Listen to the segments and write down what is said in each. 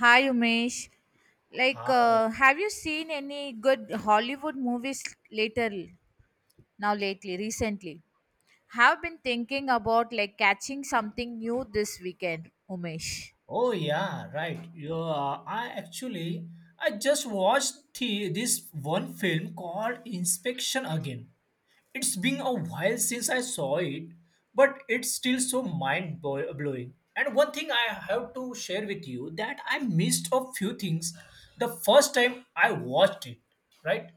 Hi, Umesh. Hi. Have you seen any good Hollywood movies later now lately, recently? Have been thinking about catching something new this weekend, Umesh. Oh yeah, right. I actually, I just watched this one film called Inspection again. It's been a while since I saw it, but it's still so mind blowing. And one thing I have to share with you that I missed a few things the first time I watched it. Right?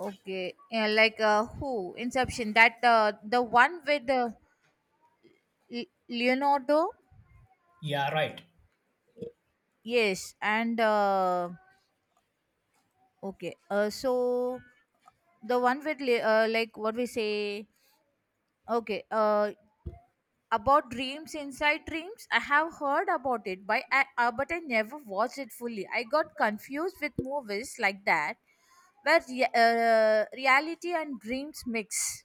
Okay, yeah, like who? Inception. That The one with Leonardo. Yeah, right. Yes, and okay. So the one with like what we say. Okay. Uh, about dreams inside dreams, I have heard about it, but I never watched it fully. I got confused with movies like that where reality and dreams mix.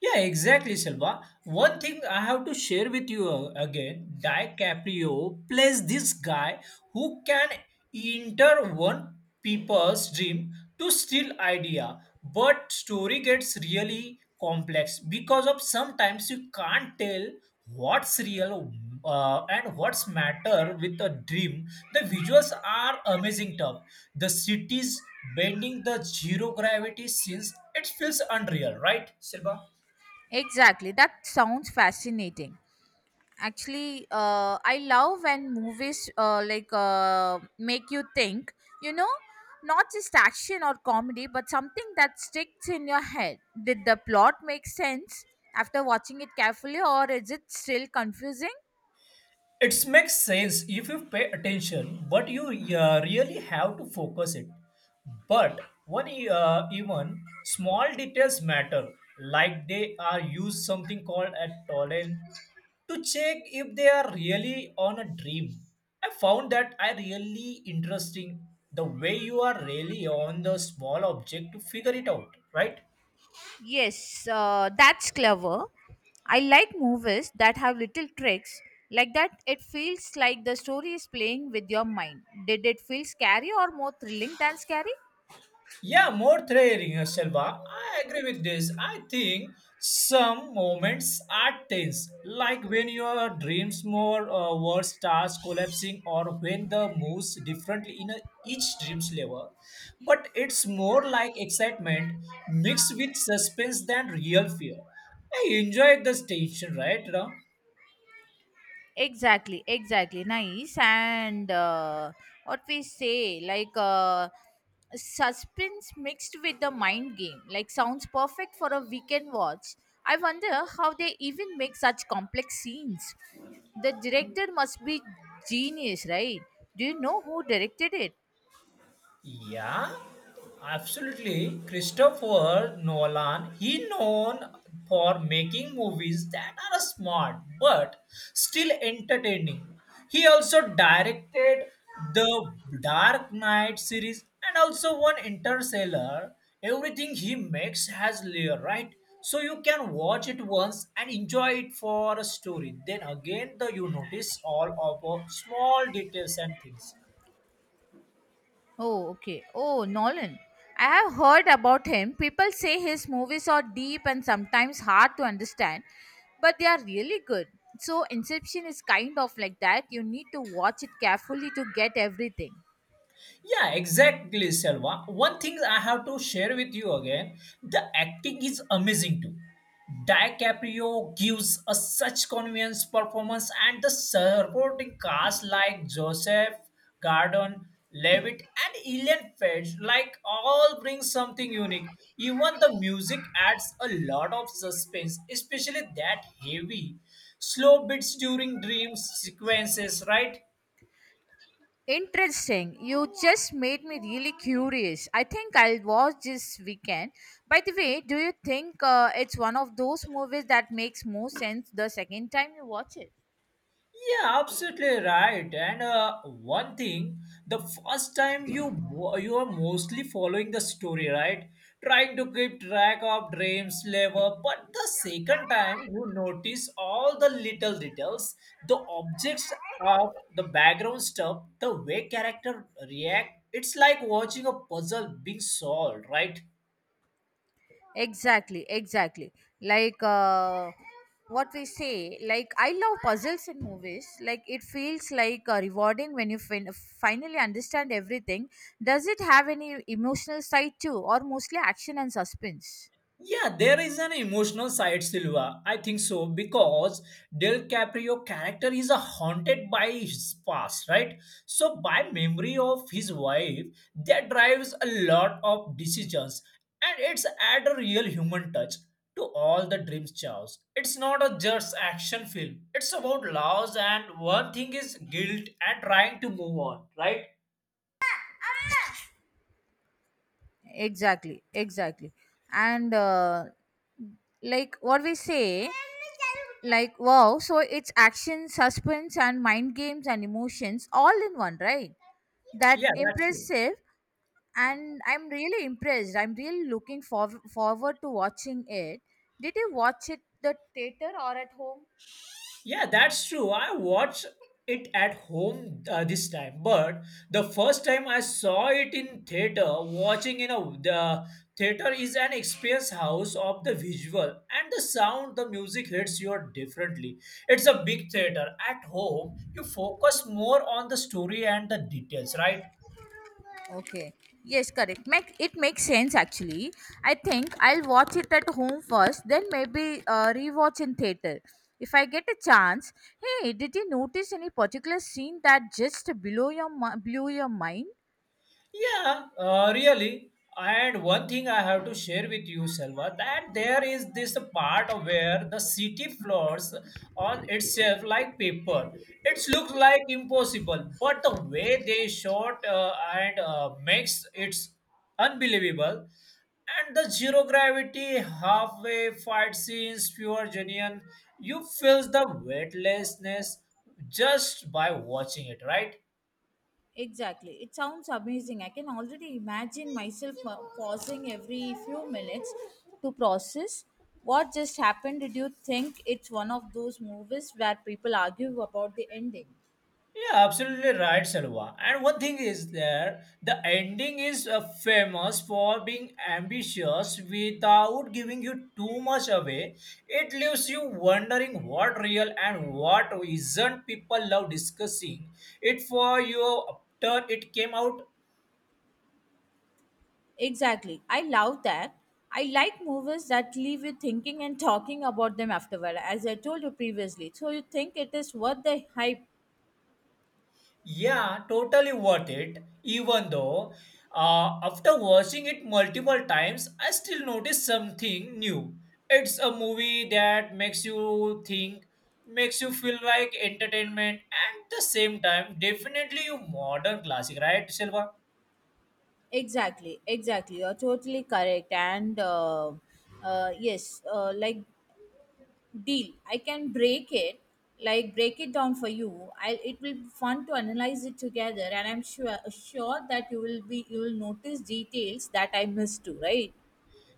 Yeah, exactly, Silva. One thing I have to share with you again, DiCaprio plays this guy who can enter one people's dream to steal idea, but story gets really complex because of sometimes you can't tell what's real and what's matter with a dream. The visuals are amazing tough. The cities bending the zero gravity scenes, it feels unreal, right, Silva? Exactly, that sounds fascinating. Actually, I love when movies, make you think, you know, not just action or comedy, but something that sticks in your head. Did the plot make sense after watching it carefully, or is it still confusing? It makes sense if you pay attention, but you really have to focus it. But one even small details matter, like they are used something called a tolerance to check if they are really on a dream. I found that I really interesting, the way you are really on the small object to figure it out, right? Yes, that's clever. I like movies that have little tricks like that. It feels like the story is playing with your mind. Did it feel scary or more thrilling than scary? Yeah, more threading, Selva. I agree with this. I think some moments are tense, like when your dreams more word starts collapsing, or when the moves differently in each dream's level. But it's more like excitement mixed with suspense than real fear. I enjoyed this tension, right, Ram? Exactly, exactly, nice. And what we say like Suspense mixed with the mind game sounds perfect for a weekend watch. I wonder how they even make such complex scenes. The director must be genius, right? Do you know who directed it? Yeah, absolutely. Christopher Nolan, he known for making movies that are smart but still entertaining. He also directed the Dark Knight series and also one Interstellar. Everything he makes has layer, right? So you can watch it once and enjoy it for a story. Then again, the you notice all of small details and things. Oh, okay. Oh, Nolan. I have heard about him. People say his movies are deep and sometimes hard to understand, but they are really good. So, Inception is kind of like that. You need to watch it carefully to get everything. Yeah, exactly, Selva. One thing I have to share with you again, the acting is amazing too. DiCaprio gives a such convincing performance, and the supporting cast like Joseph Gordon Levitt and Ellen Page like all bring something unique. Even the music adds a lot of suspense, especially that heavy slow beats during dream sequences, right? Interesting. You just made me really curious. I think I'll watch this weekend. By the way, do you think it's one of those movies that makes more sense the second time you watch it? Yeah, absolutely right. And one thing, the first time you are mostly following the story, right? Trying to keep track of dreams, level. But the second time, you notice all the little details, the objects of the background stuff, the way character react. It's like watching a puzzle being solved, right? Exactly, exactly. Like what we say, like I love puzzles in movies. It feels rewarding when you finally understand everything. Does it have any emotional side too, or mostly action and suspense? Yeah, there is an emotional side, Silva. I think so because Del Caprio character is a haunted by his past, right? So by memory of his wife, that drives a lot of decisions, and it's add a real human touch to all the dreams, Charles. It's not a just action film. It's about loss, and one thing is guilt and trying to move on, right? Exactly, exactly. And like what we say, like Wow, so it's action, suspense, and mind games and emotions all in one, right? That Yeah, that's true. impressive. And I'm really impressed. I'm really looking forward to watching it. Did you watch it the theater or at home? Yeah, that's true. I watched it at home this time, but the first time I saw it in theater. Watching in a the theater is an experience house of the visual and the sound. The music hits you differently. It's a big theater. At home, you focus more on the story and the details, right? Okay, yes, correct. It makes sense actually. I think I'll watch it at home first, then maybe rewatch in theater if I get a chance. Hey, did you notice any particular scene that just blew your mind? Yeah, really. And one thing I have to share with you, Selva, that there is this part of where the city floors on itself like paper. It looks like impossible, but the way they shot and makes it's unbelievable. And the zero gravity halfway fight scenes, pure genuine. You feel the weightlessness just by watching it, right? Exactly. It sounds amazing. I can already imagine myself pausing every few minutes to process what just happened. Did you think it's one of those movies where people argue about the ending? Yeah, absolutely right, Salwa. And one thing is there, the ending is famous for being ambitious without giving you too much away. It leaves you wondering what real and what isn't. People love discussing it for you after it came out. Exactly. I love that. I like movies that leave you thinking and talking about them afterward, as I told you previously. So you think it is worth the hype? Yeah, totally worth it. Even though, after watching it multiple times, I still notice something new. It's a movie that makes you think, makes you feel like entertainment, and the same time, definitely a modern classic, right, Silva? Exactly. Exactly. You're totally correct. And yes, like Deal. I can break it, like break it down for you. I It will be fun to analyze it together, and I'm sure that you will notice details that I missed too, right?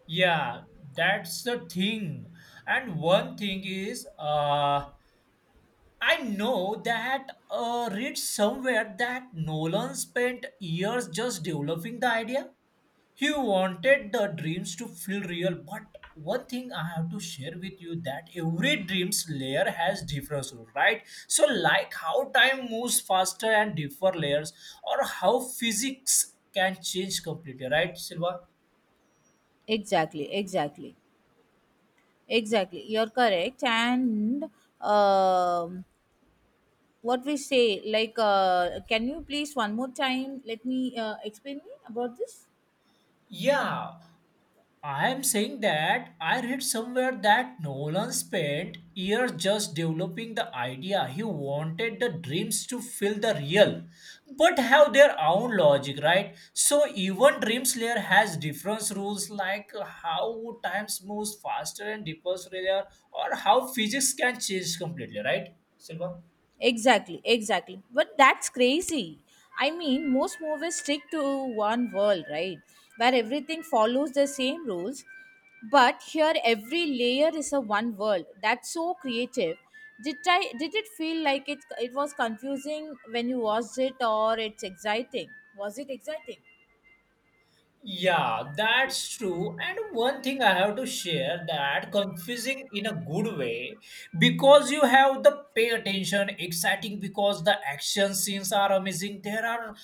Yeah, that's the thing. And one thing is, I know that read somewhere that Nolan spent years just developing the idea. He wanted the dreams to feel real, but one thing I have to share with you that every dreams layer has different rule, right? So like how time moves faster and differ layers, or how physics can change completely, right, Silva? Exactly, exactly, exactly. You're correct. And um, what we say, like, Can you please one more time let me explain me about this? Yeah. I am saying that I read somewhere that Nolan spent years just developing the idea. He wanted the dreams to feel the real, but have their own logic, right? So even Dream Slayer has different rules like how time moves faster and deeper layer or how physics can change completely, right? Silva? Exactly, exactly. But that's crazy. I mean, most movies stick to one world, right? Where everything follows the same rules. But here, every layer is a one world. That's so creative. Did I? Did it feel like it? It was confusing when you watched it, or it's exciting? Was it exciting? Yeah, that's true. And one thing I have to share that confusing in a good way, because you have the pay attention, exciting because the action scenes are amazing. There are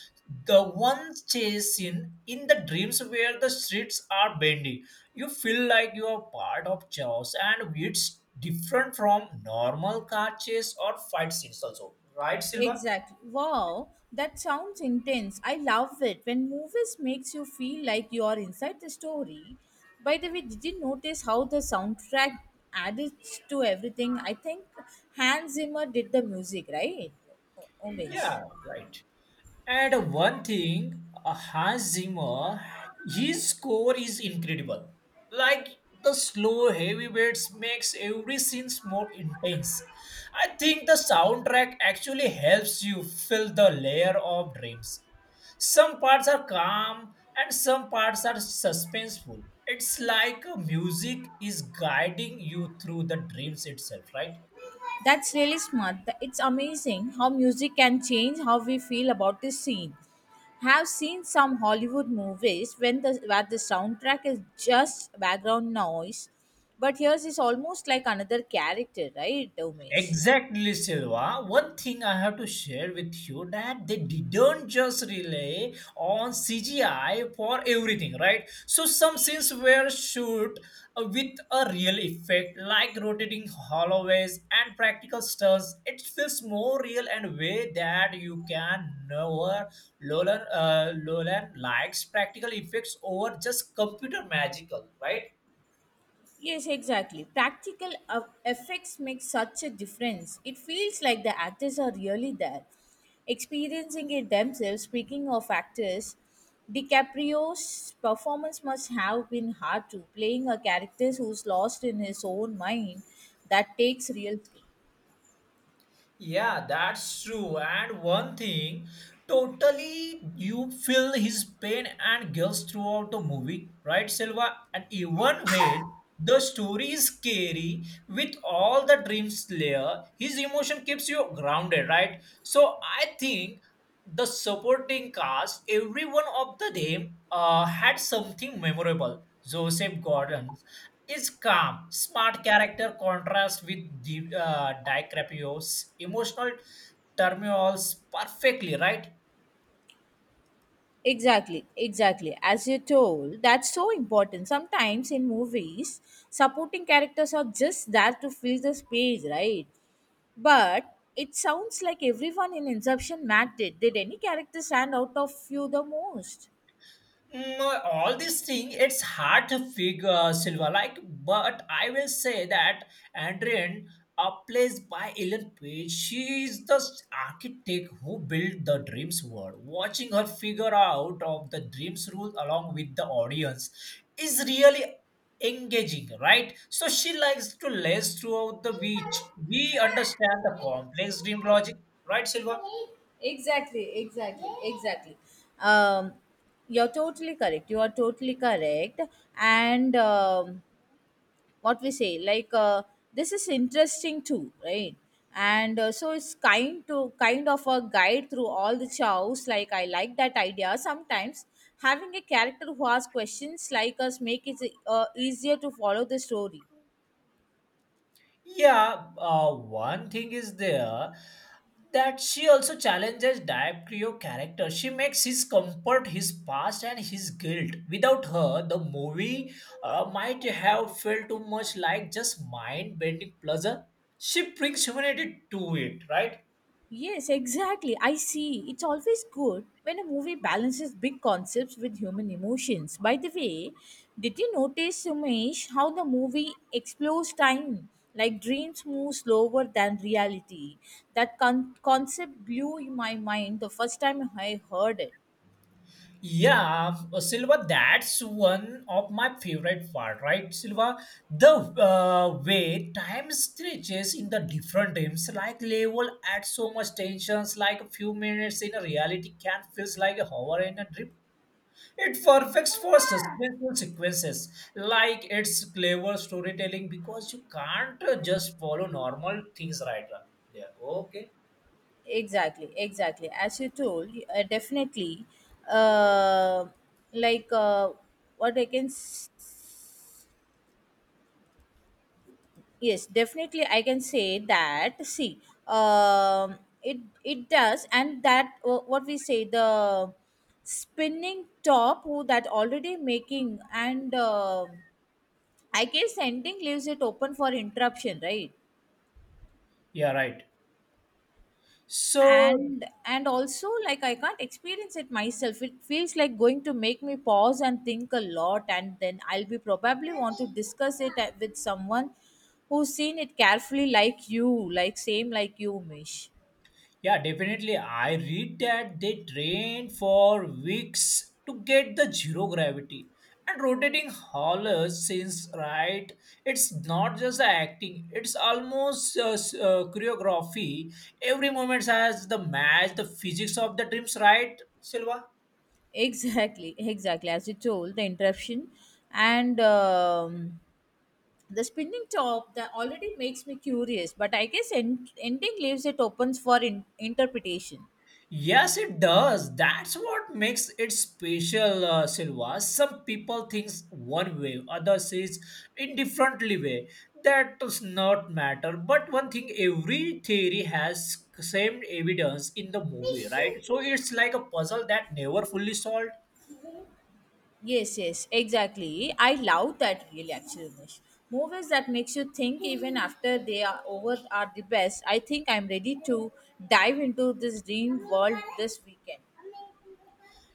the one chase scene in the dreams where the streets are bendy. You feel like you are part of chaos, and it's different from normal car chase or fight scenes, also. Right, Silva? Exactly. Wow, that sounds intense. I love it when movies makes you feel like you are inside the story. By the way, did you notice how the soundtrack added to everything? I think Hans Zimmer did the music, right? Umesh? Yeah, right. And one thing, Hans Zimmer, his score is incredible. Like the slow heavyweights makes every scene more intense. I think the soundtrack actually helps you fill the layer of dreams. Some parts are calm and some parts are suspenseful. It's like music is guiding you through the dreams itself, right? That's really smart. It's amazing how music can change how we feel about the scene. Have seen some Hollywood movies when the where the soundtrack is just background noise, but here is almost like another character, right, Umesh? Exactly, Silva. One thing I have to share with you that they didn't just rely on CGI for everything, right? So some scenes were shoot with a real effect, like rotating hallways and practical stunts. It feels more real and way that you can never. Lolan likes practical effects over just computer magical, right? Yes, exactly. Practical effects make such a difference. It feels like the actors are really there, experiencing it themselves. Speaking of actors, DiCaprio's performance must have been hard to playing a character who's lost in his own mind. That takes real skill. Yeah, that's true. And one thing, totally you feel his pain and guilt throughout the movie, right, Silva? And even when the story is scary with all the dream slayer, his emotion keeps you grounded, right? So I think the supporting cast, every one of them had something memorable. Joseph Gordon is calm, smart character contrasts with the DiCaprio's emotional turmoils perfectly, right? Exactly, exactly. As you told, that's so important. Sometimes in movies, supporting characters are just there to fill the space, right? But it sounds like everyone in Inception Matt did. Did any character stand out of you the most? All these things, it's hard to figure, Silver. Like, but I will say that Adrian, plays by Ellen Page. She is the architect who built the dreams world, watching her figure out of the dreams rule along with the audience is really engaging, right? So she likes to lace throughout the beach, we understand the complex dream logic, right, Silva? Exactly, exactly, exactly. Um, you're totally correct. You are totally correct. And what we say, like This is interesting too, right? And so It's kind of a guide through all the chows. I like that idea. Sometimes having a character who asks questions like us make it easier to follow the story. Yeah, one thing is there that she also challenges Diaprio's character. She makes his comfort, his past, and his guilt. Without her, the movie might have felt too much like just mind-bending pleasure. She brings humanity to it, right? Yes, exactly. I see. It's always good when a movie balances big concepts with human emotions. By the way, did you notice, Sumesh, how the movie explores time? Like dreams move slower than reality. That concept blew my mind the first time I heard it. Yeah, Silva, that's one of my favorite part, right, Silva? The way time stretches in the different games, like level add so much tensions, like a few minutes in a reality can feels like a hour in a dream. It perfects for suspenseful sequences, like it's clever storytelling because you can't just follow normal things right now. Yeah, okay. Exactly, exactly. As you told, definitely, uh, like what I can s- yes, definitely, I can say that. See um it it does. And that what we say The spinning top who that already making, and I guess ending leaves it open for interruption, right? Yeah, right. So And also, I can't experience it myself. It feels like going to make me pause and think a lot, and then I'll be probably want to discuss it with someone who's seen it carefully, like you mish. yeah, definitely. I read that they train for weeks to get the zero gravity. And rotating haulers, since right, it's not just the acting; it's almost choreography. Every moment has the match, the physics of the dreams, right, Silva? Exactly, exactly. As you told, the interruption, and the spinning top that already makes me curious, but I guess ending leaves it opens for interpretation. Yes, it does. That's what makes it special, Silva. Some people thinks one way, others is indifferently way. That does not matter. But one thing, every theory has same evidence in the movie, right? So it's like a puzzle that never fully solved. Yes, yes, exactly. I love that really actually, Umesh. Movies that makes you think even after they are over are the best. I think I'm ready to dive into this dream world this weekend.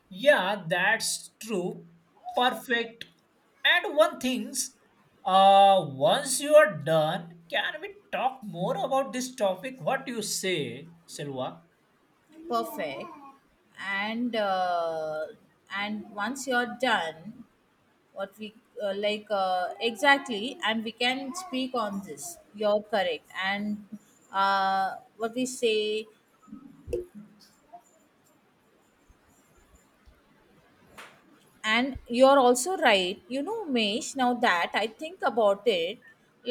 Yeah, that's true. Perfect. And one things, once you are done, can we talk more about this topic? What do you say, Silva? Perfect. And uh, and once you're done, what we like exactly, and we can speak on this. You're correct. And uh, what we say and you're also right, you know mesh. Now that I think about it,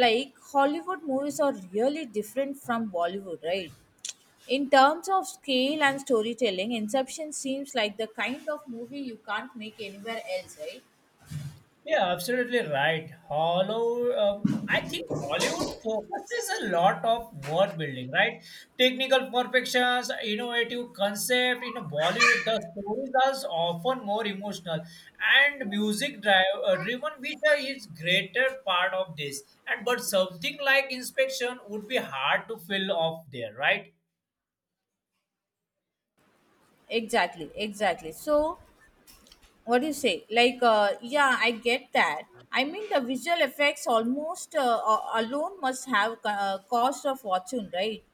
Hollywood movies are really different from Bollywood, right? In terms of scale and storytelling, Inception seems like the kind of movie you can't make anywhere else, right? Yeah, absolutely right. I think Hollywood focuses a lot of word building, right? Technical perfections, innovative concept. In Bollywood, the stories are often more emotional and music driven, which are is greater part of this. And but something like Inspection would be hard to fill off there, right? Exactly, exactly. so what do you say like Yeah, I get that. I mean, the visual effects almost alone must have cost of fortune, right?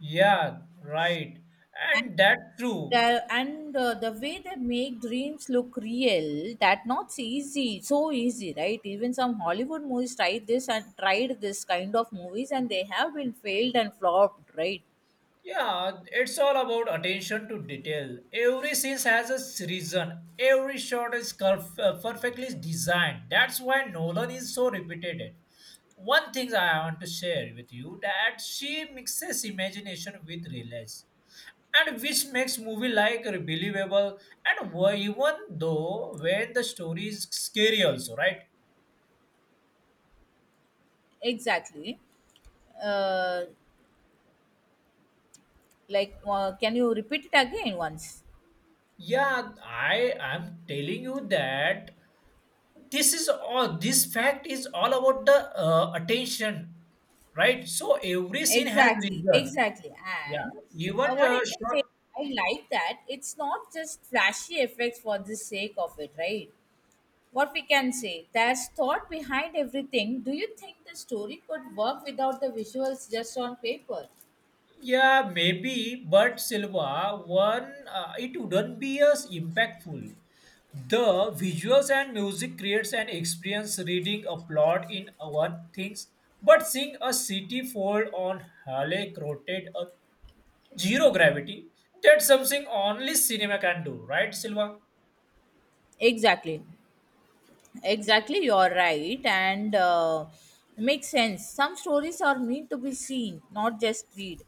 Yeah, right. And that's true. There, and the way they make dreams look real, that not easy so easy, right? Even some Hollywood movies tried this kind of movies and they have been failed and flopped, right? Yeah, it's all about attention to detail. Every scene has a reason. Every shot is perfectly designed. That's why Nolan is so repeated. One thing I want to share with you that she mixes imagination with realism, and which makes movie like believable and even though when the story is scary also, right? Exactly. uh, can you repeat it again once? Yeah, I am telling you that this fact is all about the attention, right? So every scene has Exactly, reason. exactly. Yeah, And even uh, what I can short. say, I like that it's not just flashy effects for the sake of it, right? What we can say, there's thought behind everything. Do you think the story could work without the visuals just on paper? Yeah, maybe, but Silva, one it wouldn't be as impactful. The visuals and music creates an experience reading a plot in one things, but seeing a city fold on Halleck rotate a zero gravity, that's something only cinema can do, right, Silva? Exactly. Exactly, you're right, and makes sense. Some stories are meant to be seen, not just read.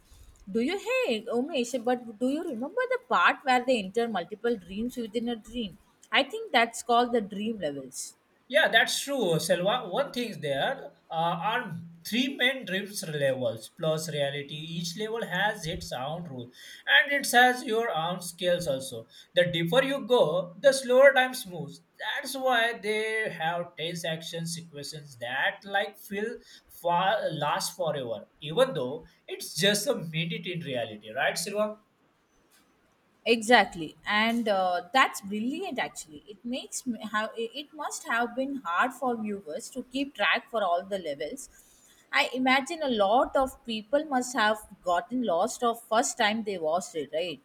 Hey, Umesh, but do you remember the part where they enter multiple dreams within a dream? I think that's called the dream levels. Yeah, that's true, Selva. One thing is there are 3 main drift levels plus reality. Each level has its own rule and it has your own scales also. The deeper you go, the slower time moves. That's why they have tense action sequences that like feel far last forever, even though it's just a minute in reality, right, Silva? Exactly, and that's brilliant. Actually, it makes me how it must have been hard for viewers to keep track for all the levels. I imagine a lot of people must have gotten lost of first time they watched it, right?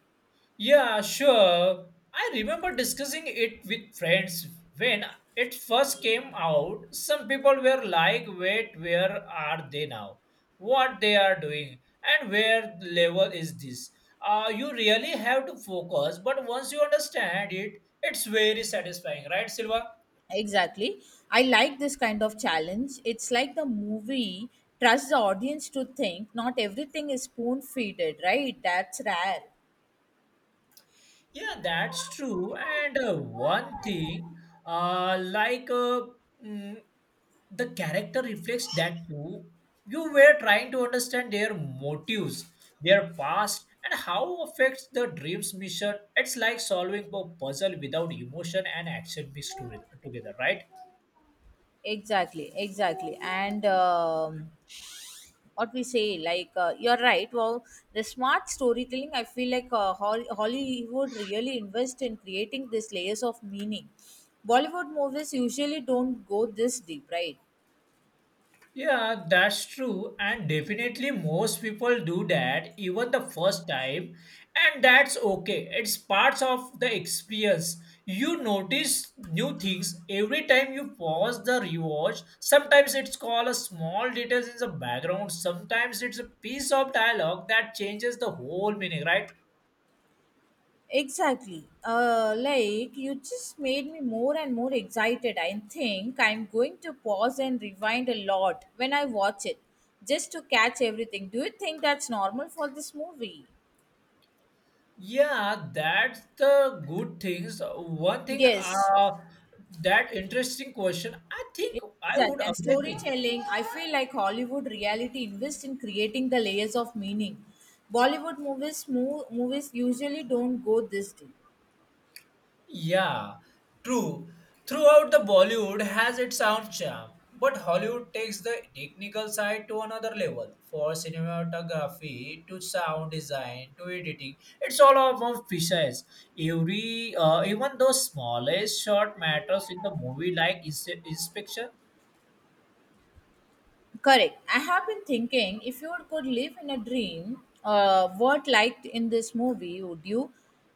Yeah, sure. I remember discussing it with friends when it first came out. Some people were like, wait, where are they now? What they are doing? And where level is this? You really have to focus, but once you understand it, it's very satisfying, right, Silva? Exactly. I like this kind of challenge. It's like the movie trusts the audience to think not everything is spoon feeded, right? That's rare. Yeah, that's true. And one thing, like mm, the character reflects that too. You were trying to understand their motives, their past, and how affects the dream's mission. It's like solving a puzzle without emotion and action mixed together, right? Exactly, exactly. And what we say, like, You're right. Well, the smart storytelling, I feel like Hollywood really invest in creating these layers of meaning. Bollywood movies usually don't go this deep, right? Yeah, that's true. And definitely, most people do that even the first time. And that's okay. It's parts of the experience. You notice new things every time you pause the rewatch. Sometimes it's called a small details in the background. Sometimes it's a piece of dialogue that changes the whole meaning, right? Exactly. You just made me more and more excited. I think I'm going to pause and rewind a lot when I watch it just to catch everything. Do you think that's normal for this movie? Yeah, that's the good things. Yes. That interesting question. I think I would Exactly. And amazing. storytelling, I feel like Hollywood reality invests in creating the layers of meaning. Bollywood movies usually don't go this deep. Yeah, true. Throughout the Bollywood has its own charm, but Hollywood takes the technical side to another level. For cinematography, to sound design, to editing, it's all about precise. Every, even those smallest shot matters in the movie, like inspection. Correct. I have been thinking, if you could live in a dream, what liked in this movie would you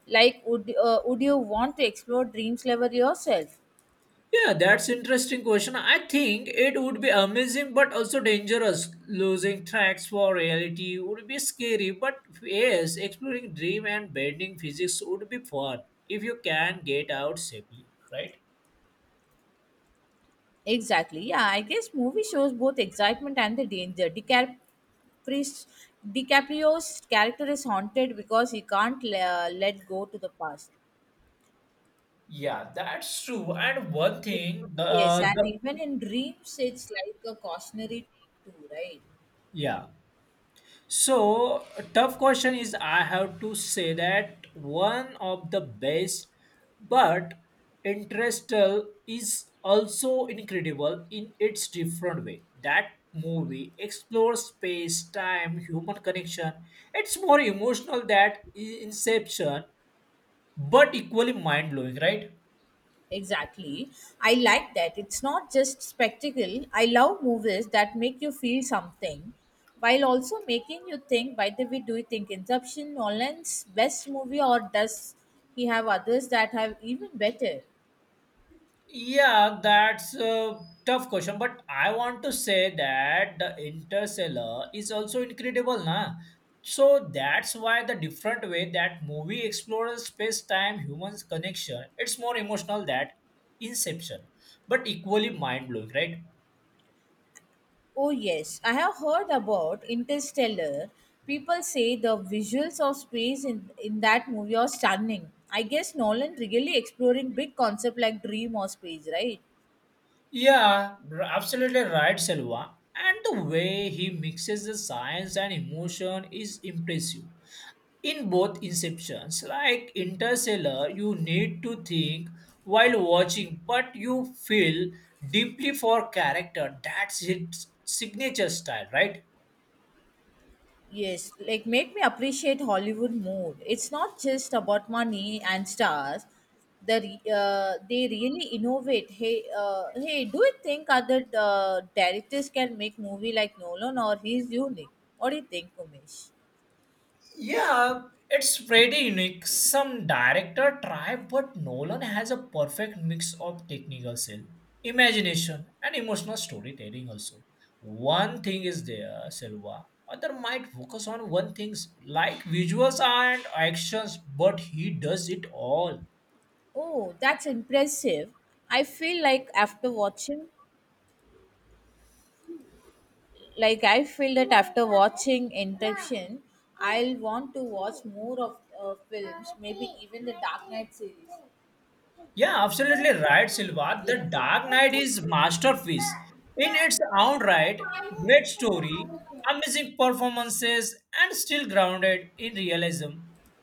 like? Would you want to explore dreams level yourself? Yeah, that's interesting question. I think it would be amazing but also dangerous. Losing tracks for reality would be scary, but yes, exploring dream and bending physics would be fun if you can get out safely, right? Exactly. Yeah, I guess movie shows both excitement and the danger. DiCaprio's character is haunted because he can't let go to the past. Yeah, that's true. And one thing, Yes, and the even in dreams, it's like a cautionary tale too, right? yeah. So, a tough question is I have to say that one of the best, but Interstellar is also incredible in its different way. That movie explores space, time, human connection. It's more emotional than Inception, but equally mind blowing, right? Exactly. I like that. It's not just spectacle. I love movies that make you feel something while also making you think. By the way, do you think Inception Nolan's best movie, or does he have others that have even better? Yeah, that's a tough question, but I want to say that the Interstellar is also incredible, na? So that's why the different way that movie explores space-time humans connection, it's more emotional than Inception, but equally mind-blowing, right? Oh yes, I have heard about Interstellar. People say the visuals of space in that movie are stunning. I guess Nolan really exploring big concept like dream or space, right? Yeah, absolutely right, Selva. And the way he mixes the science and emotion is impressive. In both inceptions, like Interstellar, you need to think while watching, but you feel deeply for character. That's his signature style, right? Yes, like make me appreciate Hollywood more. It's not just about money and stars. The they really innovate. Hey, do you think other directors can make movie like Nolan, or he's unique? What do you think, Umesh? Yeah, it's pretty unique. Some director try, but Nolan has a perfect mix of technical skill, imagination, and emotional storytelling also. One thing is there, Silva. Other might focus on one things like visuals and actions, but he does it all. Oh, that's impressive. I feel like after watching, I feel that after watching Inception, I'll want to watch more of films, maybe even the Dark Knight series. Yeah, absolutely right, Silva. The Dark Knight is masterpiece in its own right. Great story, amazing performances, and still grounded in realism.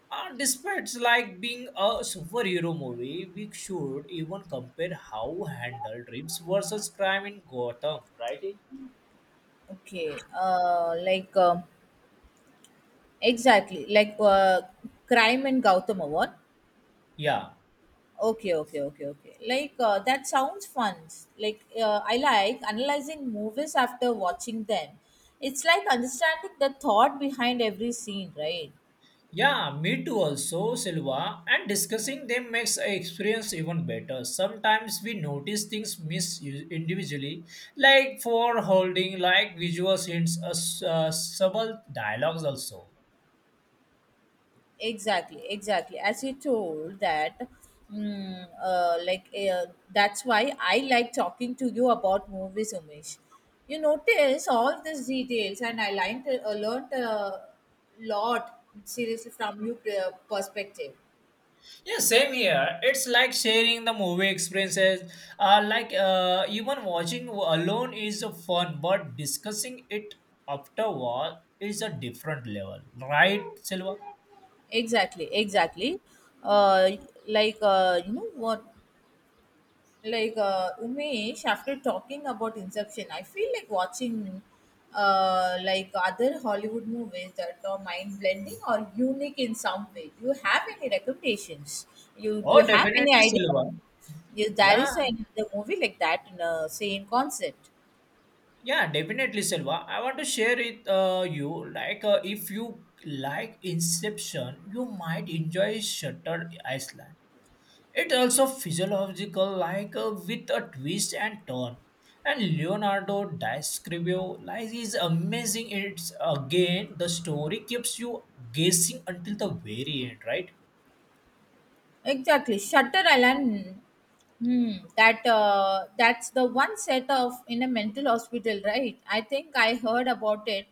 Despite like being a superhero movie, we should even compare how handled dreams versus crime in Gotham, right? Okay, uh, like um, exactly, like uh, Crime and Gautam Award. Yeah. Okay, okay, okay, okay. That sounds fun. I like analyzing movies after watching them. It's like understanding the thought behind every scene, right? Yeah, me too also, Silva. And discussing them makes a experience even better. Sometimes we notice things miss individually, like for holding, like visual hints, subtle dialogues also. Exactly, exactly. As you told that, mm, uh, like uh, that's why I like talking to you about movies, Umesh. You notice all these details and I learned a lot seriously from your perspective. Yeah, same here. It's like sharing the movie experiences. Even watching alone is a fun, but discussing it afterward is a different level, right, Silva? Exactly, exactly. uh, you know what, Umesh, after talking about Inception, I feel like watching other Hollywood movies that are mind blending or unique in some way. Do you have any recommendations? You Do Oh, you have any definitely, idea? Silva. If there Yeah. is any other movie like that in a same concept? Yeah, definitely, Silva. I want to share it you. If you like Inception, you might enjoy Shutter Island. It also physiological, with a twist and turn. And Leonardo da Scrivio lies is amazing. It's again the story keeps you guessing until the very end, right? Exactly, Shutter Island. Hmm, that's the one set of in a mental hospital, right? I think I heard about it.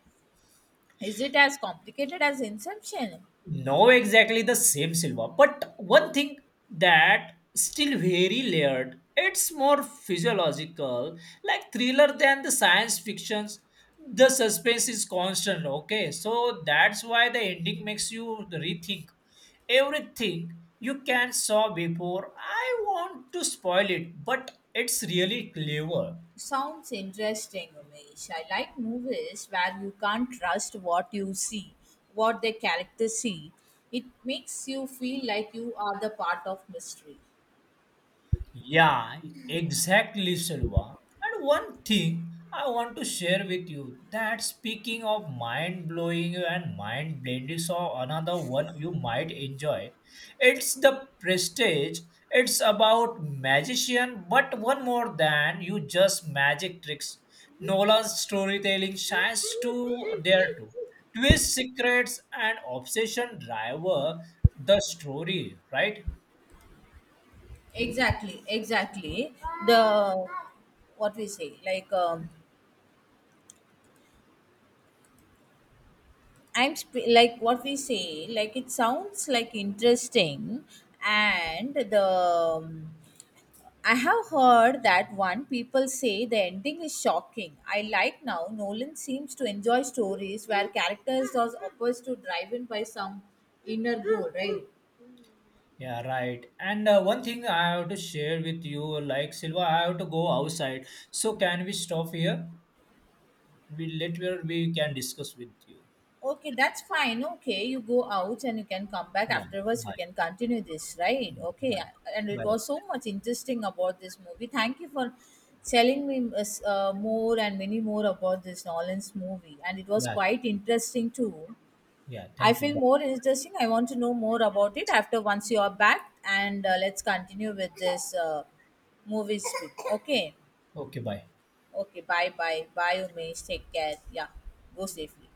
Is it as complicated as Inception? No, exactly the same silver. But one thing that still very layered. It's more physiological, like thriller than the science fictions. The suspense is constant. Okay, so that's why the ending makes you rethink everything you can saw before. I want to spoil it, but it's really clever. Sounds interesting, Umesh. I like movies where you can't trust what you see, what the characters see. It makes you feel like you are the part of mystery. Yeah, exactly, Silva. And one thing I want to share with you that speaking of mind blowing and mind blending, so another one you might enjoy. It's the prestige. It's about magician, but one more than you just magic tricks. Nolan's storytelling shines to there too. Twist secrets and obsession driver the story, right? Exactly, exactly. The what we say, like I'm sp- like what we say, like It sounds like interesting, and the I have heard that one. People say the ending is shocking. I like now. Nolan seems to enjoy stories where characters are opposed to driven by some inner goal, right? Yeah, right. And one thing I have to share with you, like Silva, I have to go outside. So can we stop here? We later we can discuss with you. Okay, that's fine. Okay, you go out and you can come back Yeah. afterwards. We Bye. can continue this, right? Okay, Bye. and it Bye. was so much interesting about this movie. Thank you for telling me more and many more about this Nolan's movie, and it was Yeah. quite interesting too. Yeah. I Thank you. feel Bye. more interesting. I want to know more about it after once you are back, and let's continue with this movie speak. Okay, Okay. Bye. okay. Bye, bye, Umesh. Take care. Yeah, go safely.